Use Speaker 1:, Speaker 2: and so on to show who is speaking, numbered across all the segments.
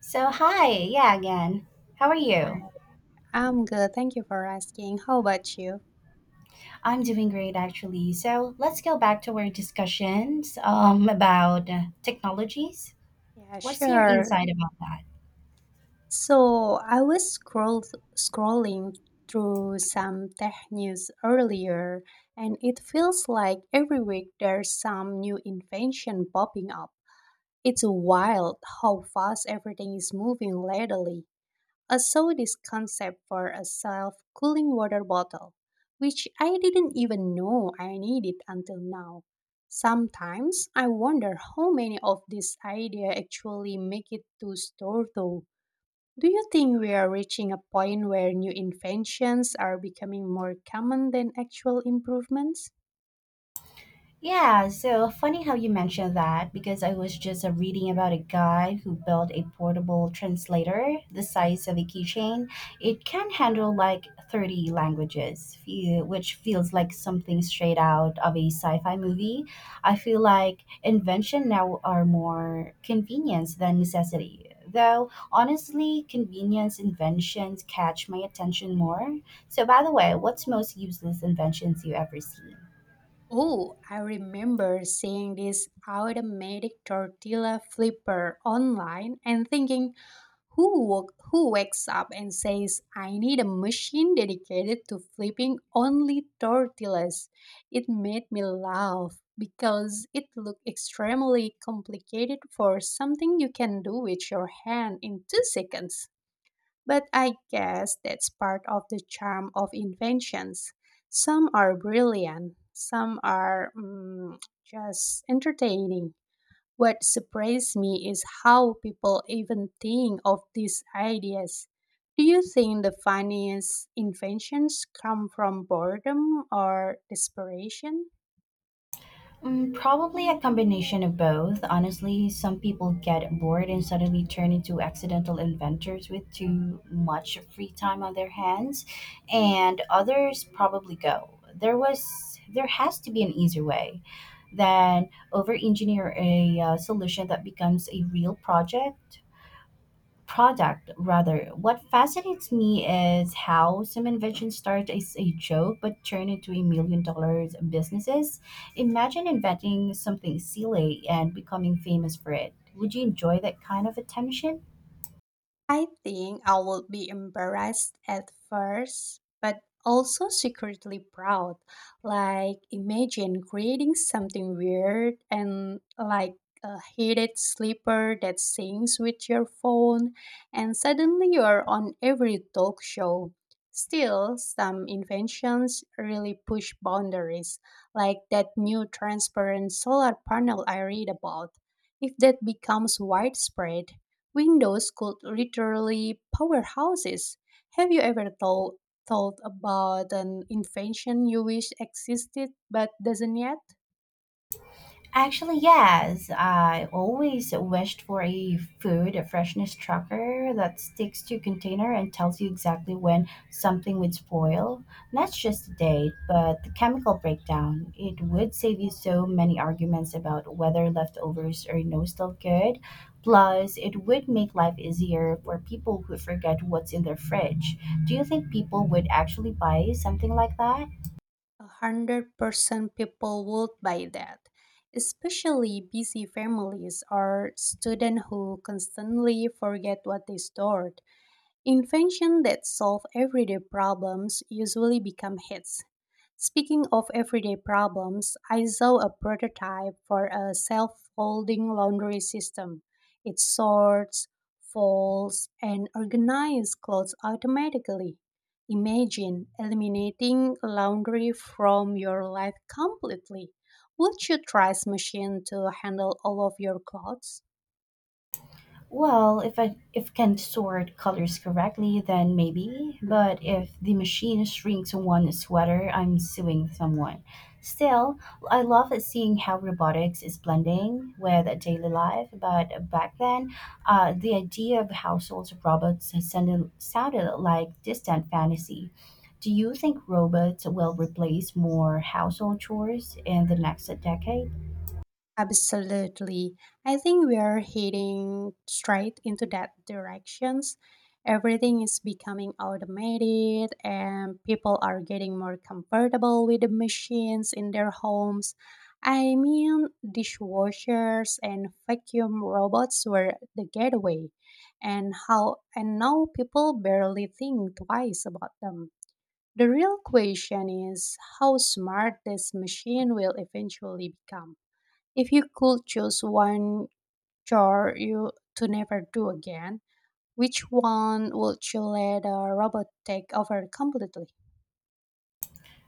Speaker 1: So, hi, yeah, again. How are
Speaker 2: Hi,
Speaker 1: you?
Speaker 2: I'm good. Thank you for asking. How about you?
Speaker 1: I'm doing great actually. So, let's go back to our discussions about technologies.
Speaker 2: Yeah,
Speaker 1: What's your
Speaker 2: sure.
Speaker 1: insight about that?
Speaker 2: So I was scrolling through some tech news earlier, and it feels like every week there's some new invention popping up. It's wild how fast everything is moving lately. I saw this concept for a self cooling water bottle, which I didn't even know I needed until now. Sometimes I wonder how many of these ideas actually make it to store though. Do you think we are reaching a point where new inventions are becoming more common than actual improvements?
Speaker 1: Yeah, so funny how you mentioned that because I was just reading about a guy who built a portable translator the size of a keychain. It can handle like 30 languages, which feels like something straight out of a sci fi movie. I feel like invention now are more convenience than necessity. Though, honestly, convenience inventions catch my attention more. So, by the way, what's most useless inventions you ever seen?
Speaker 2: Oh, I remember seeing this automatic tortilla flipper online and thinking, who wakes up and says, "I need a machine dedicated to flipping only tortillas"? It made me laugh because it looked extremely complicated for something you can do with your hand in 2 seconds. But I guess that's part of the charm of inventions. Some are brilliant, some are just entertaining. What surprised me is how people even think of these ideas. Do you think the funniest inventions come from boredom or desperation?
Speaker 1: Mm, probably a combination of both. Honestly, some people get bored and suddenly turn into accidental inventors with too much free time on their hands, and others probably go. There was there has to be an easier way than over engineer a solution that becomes a real project product rather. What fascinates me is how some inventions start as a joke but turn into a million dollars businesses. Imagine inventing something silly and becoming famous for it. Would you enjoy that kind of attention?
Speaker 2: I think I would be embarrassed at first, but also secretly proud. Like, imagine creating something weird and like a heated sleeper that sings with your phone, and suddenly you're on every talk show. Still, some inventions really push boundaries, like that new transparent solar panel I read about. If that becomes widespread, Windows could literally power houses. Have you ever thought about an invention you wish existed but doesn't yet?
Speaker 1: Actually, yes. I always wished for a food freshness tracker that sticks to container and tells you exactly when something would spoil. Not just the date, but the chemical breakdown. It would save you so many arguments about whether leftovers are no still good. Plus, it would make life easier for people who forget what's in their fridge. Do you think people would actually buy something like that?
Speaker 2: 100% people would buy that, especially busy families or students who constantly forget what they stored. Inventions that solve everyday problems usually become hits. Speaking of everyday problems, I saw a prototype for a self folding laundry system. It sorts, folds, and organizes clothes automatically. Imagine eliminating laundry from your life completely. Would you trust machine to handle all of your clothes?
Speaker 1: Well, if I if can sort colors correctly, then maybe.
Speaker 2: Mhm.
Speaker 1: But if the machine shrinks one sweater, I'm suing someone. Still, I love seeing how robotics is blending with daily life. But back then, the idea of household robots sounded like distant fantasy. Do you think robots will replace more household chores in the next decade?
Speaker 2: Absolutely. I think we are heading straight into that directions. Everything is becoming automated and people are getting more comfortable with the machines in their homes. I mean, dishwashers and vacuum robots were the gateway and now people barely think twice about them. The real question is how smart this machine will eventually become. If you could choose one chore you to never do again, which one would you let a robot take over completely?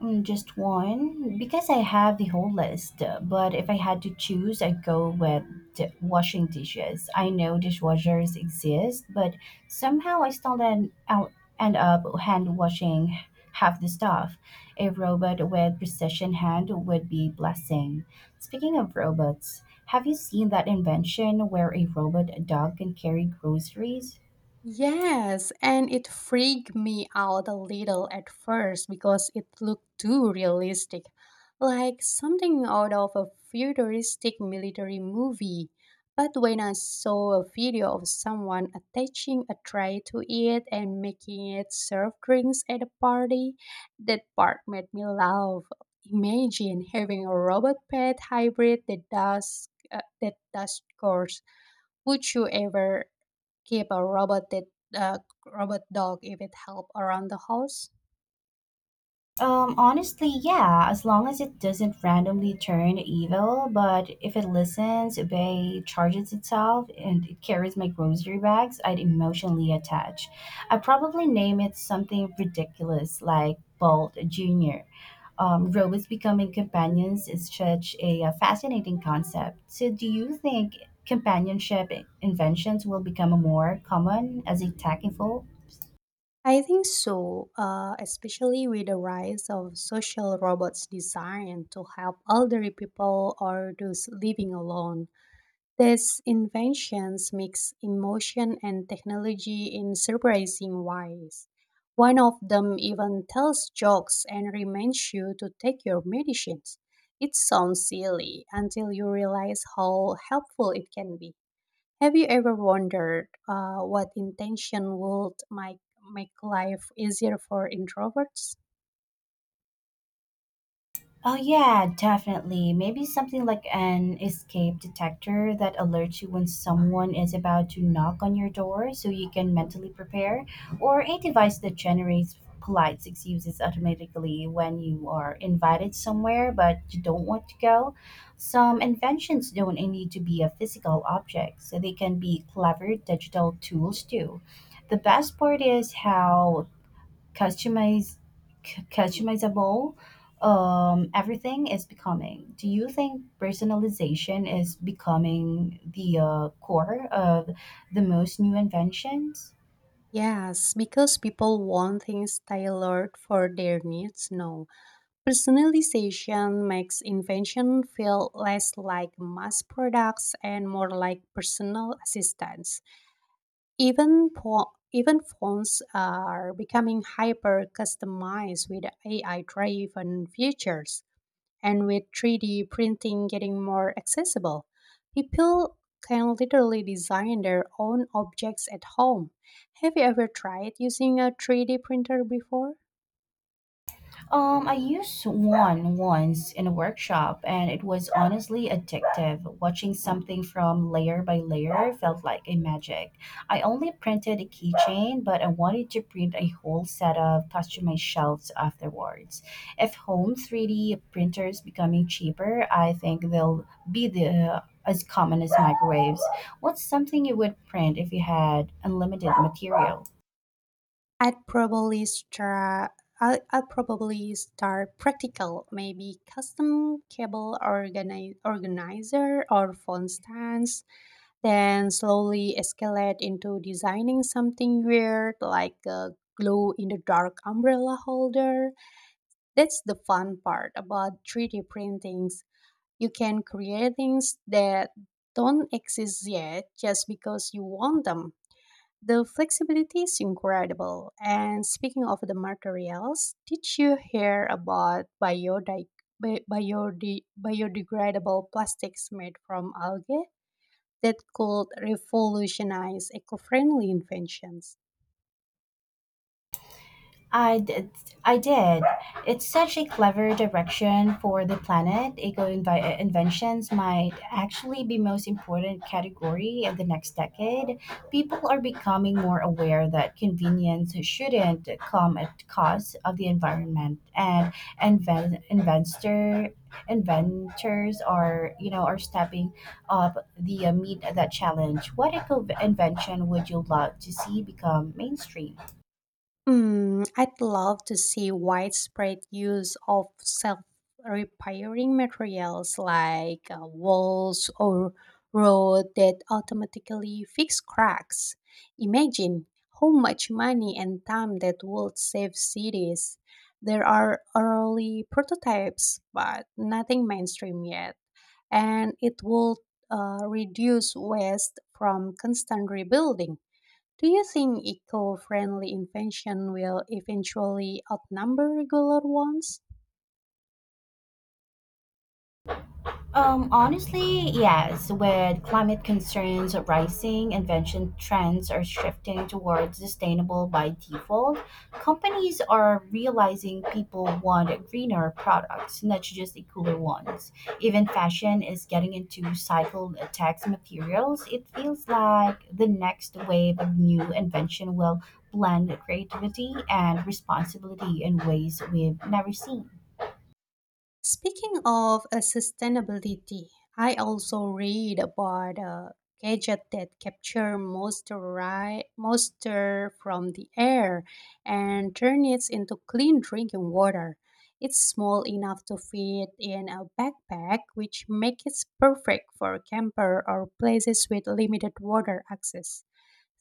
Speaker 1: Mm, just one, because I have the whole list. But if I had to choose, I'd go with washing dishes. I know dishwashers exist, but somehow I still end up hand washing half the stuff. A robot with precision hand would be blessing. Speaking of robots, have you seen that invention where a robot dog can carry groceries?
Speaker 2: Yes, and it freaked me out a little at first because it looked too realistic, like something out of a futuristic military movie. But when I saw a video of someone attaching a tray to it and making it serve drinks at a party, that part made me laugh. Imagine having a robot pet hybrid that does chores. Would you ever keep a robot that uh, robot dog if it help around the house?
Speaker 1: Honestly, yeah, as long as it doesn't randomly turn evil, but if it listens, obey, charges itself, and it carries my grocery bags, I'd emotionally attach. I'd probably name it something ridiculous like Bolt Jr. Robots becoming companions is such a fascinating concept. So, do you think companionship inventions will become more common as a tech evolves?
Speaker 2: I think so, especially with the rise of social robots designed to help elderly people or those living alone. These inventions mix emotion and technology in surprising ways. One of them even tells jokes and reminds you to take your medicines. It sounds silly until you realize how helpful it can be. Have you ever wondered what intention would make life easier for introverts?
Speaker 1: Oh, yeah, definitely. Maybe something like an escape detector that alerts you when someone is about to knock on your door so you can mentally prepare, or a device that generates polite excuses automatically when you are invited somewhere but you don't want to go. Some inventions don't need to be a physical object, so they can be clever digital tools too. The best part is how customize customizable everything is becoming. Do you think personalization is becoming the core of the most new inventions?
Speaker 2: Yes, because people want things tailored for their needs. No, personalization makes invention feel less like mass products and more like personal assistance. Even phones are becoming hyper customized with AI driven features. And with 3D printing getting more accessible, people can literally design their own objects at home. Have you ever tried using a 3D printer before?
Speaker 1: I used one once in a workshop, and it was honestly addictive. Watching something from layer by layer felt like a magic. I only printed a keychain, but I wanted to print a whole set of customized shelves afterwards. If home 3D printers becoming cheaper, I think they'll be the as common as microwaves. What's something you would print if you had unlimited material?
Speaker 2: I'd probably start. I'd probably start practical, maybe custom organizer or phone stands, then slowly escalate into designing something weird like a glow in the dark umbrella holder. That's the fun part about 3D printings. You can create things that don't exist yet just because you want them. The flexibility is incredible. And speaking of the materials, did you hear about biodegradable plastics made from algae that could revolutionize eco friendly inventions?
Speaker 1: I did. I did. It's such a clever direction for the planet. Eco inventions might actually be most important category of the next decade. People are becoming more aware that convenience shouldn't come at cost of the environment, and inven- investor inventors are you know are stepping up the meet that challenge. What eco invention would you love to see become mainstream?
Speaker 2: Hmm, I'd love to see widespread use of self repairing materials like walls or road that automatically fix cracks. Imagine how much money and time that would save cities. There are early prototypes, but nothing mainstream yet, and it will reduce waste from constant rebuilding. Do you think eco-friendly invention will eventually outnumber regular ones?
Speaker 1: Honestly, yes. With climate concerns rising, invention trends are shifting towards sustainable by default. Companies are realizing people want greener products, not just the cooler ones. Even fashion is getting into recycled text materials. It feels like the next wave of new invention will blend creativity and responsibility in ways we've never seen.
Speaker 2: Speaking of sustainability, I also read about a gadget that capture moisture from the air and turn it into clean drinking water. It's small enough to fit in a backpack, which makes it perfect for camper or places with limited water access.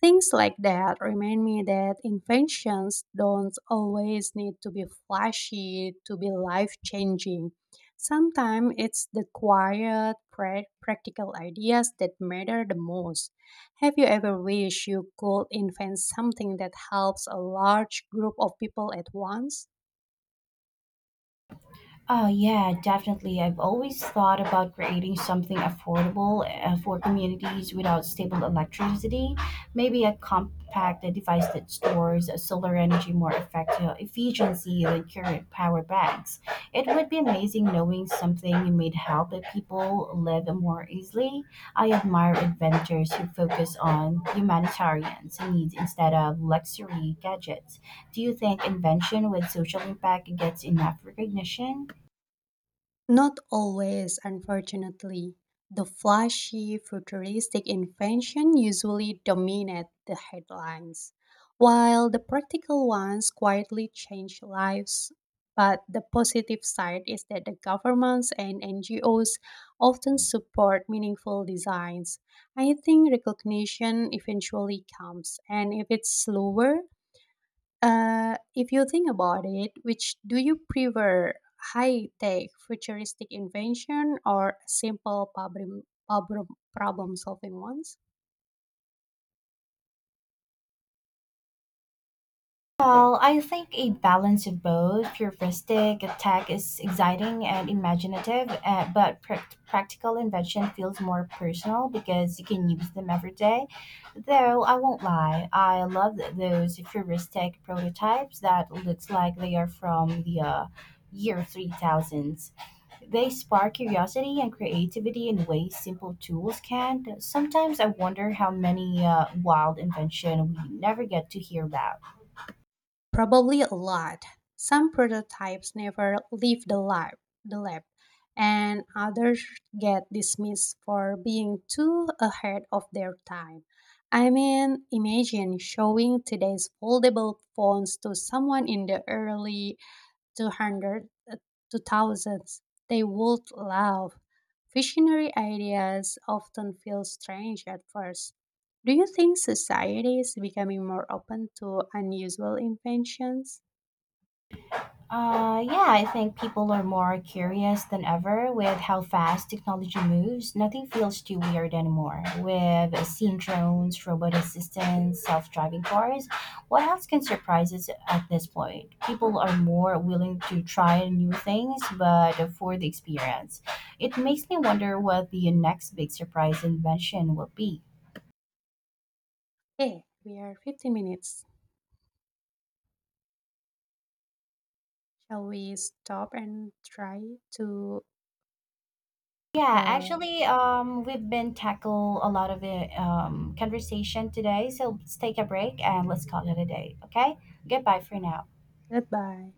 Speaker 2: Things like that remind me that inventions don't always need to be flashy to be life changing. Sometimes it's the quiet, practical ideas that matter the most. Have you ever wished you could invent something that helps a large group of people at once?
Speaker 1: Oh yeah, definitely. I've always thought about creating something affordable for communities without stable electricity. Maybe a compact device that stores solar energy more effective efficiency than current power banks. It would be amazing knowing something made help that people live more easily. I admire inventors who focus on humanitarian needs instead of luxury gadgets. Do you think invention with social impact gets enough recognition?
Speaker 2: Not always, unfortunately. The flashy, futuristic invention usually dominate the headlines, while the practical ones quietly change lives. But the positive side is that the governments and NGOs often support meaningful designs. I think recognition eventually comes, and if it's slower, if you think about it, which do you prefer, high tech, futuristic invention, or simple problem, problem solving ones?
Speaker 1: Well, I think a balance of both. Futuristic tech is exciting and imaginative, but prac practical invention feels more personal because you can use them every day. Though I won't lie, I love those futuristic prototypes that looks like they are from the year 3000s. They spark curiosity and creativity in ways simple tools can't. Sometimes I wonder how many wild invention we never get to hear about.
Speaker 2: Probably a lot. Some prototypes never leave the lab, and others get dismissed for being too ahead of their time. I mean, imagine showing today's foldable phones to someone in the early 200 to thousands, they would laugh. Visionary ideas often feel strange at first. Do you think society is becoming more open to unusual inventions?
Speaker 1: Yeah, I think people are more curious than ever with how fast technology moves. Nothing feels too weird anymore. With seen drones, robot assistants, self driving cars, what else can surprise us at this point? People are more willing to try new things, but for the experience. It makes me wonder what the next big surprise invention will be.
Speaker 2: Hey, we are 50 minutes. Shall we stop and try to
Speaker 1: Yeah,
Speaker 2: uh,
Speaker 1: actually, we've been tackle a lot of the conversation today, so let's take a break and let's call it a day. Okay, goodbye for now.
Speaker 2: goodbye?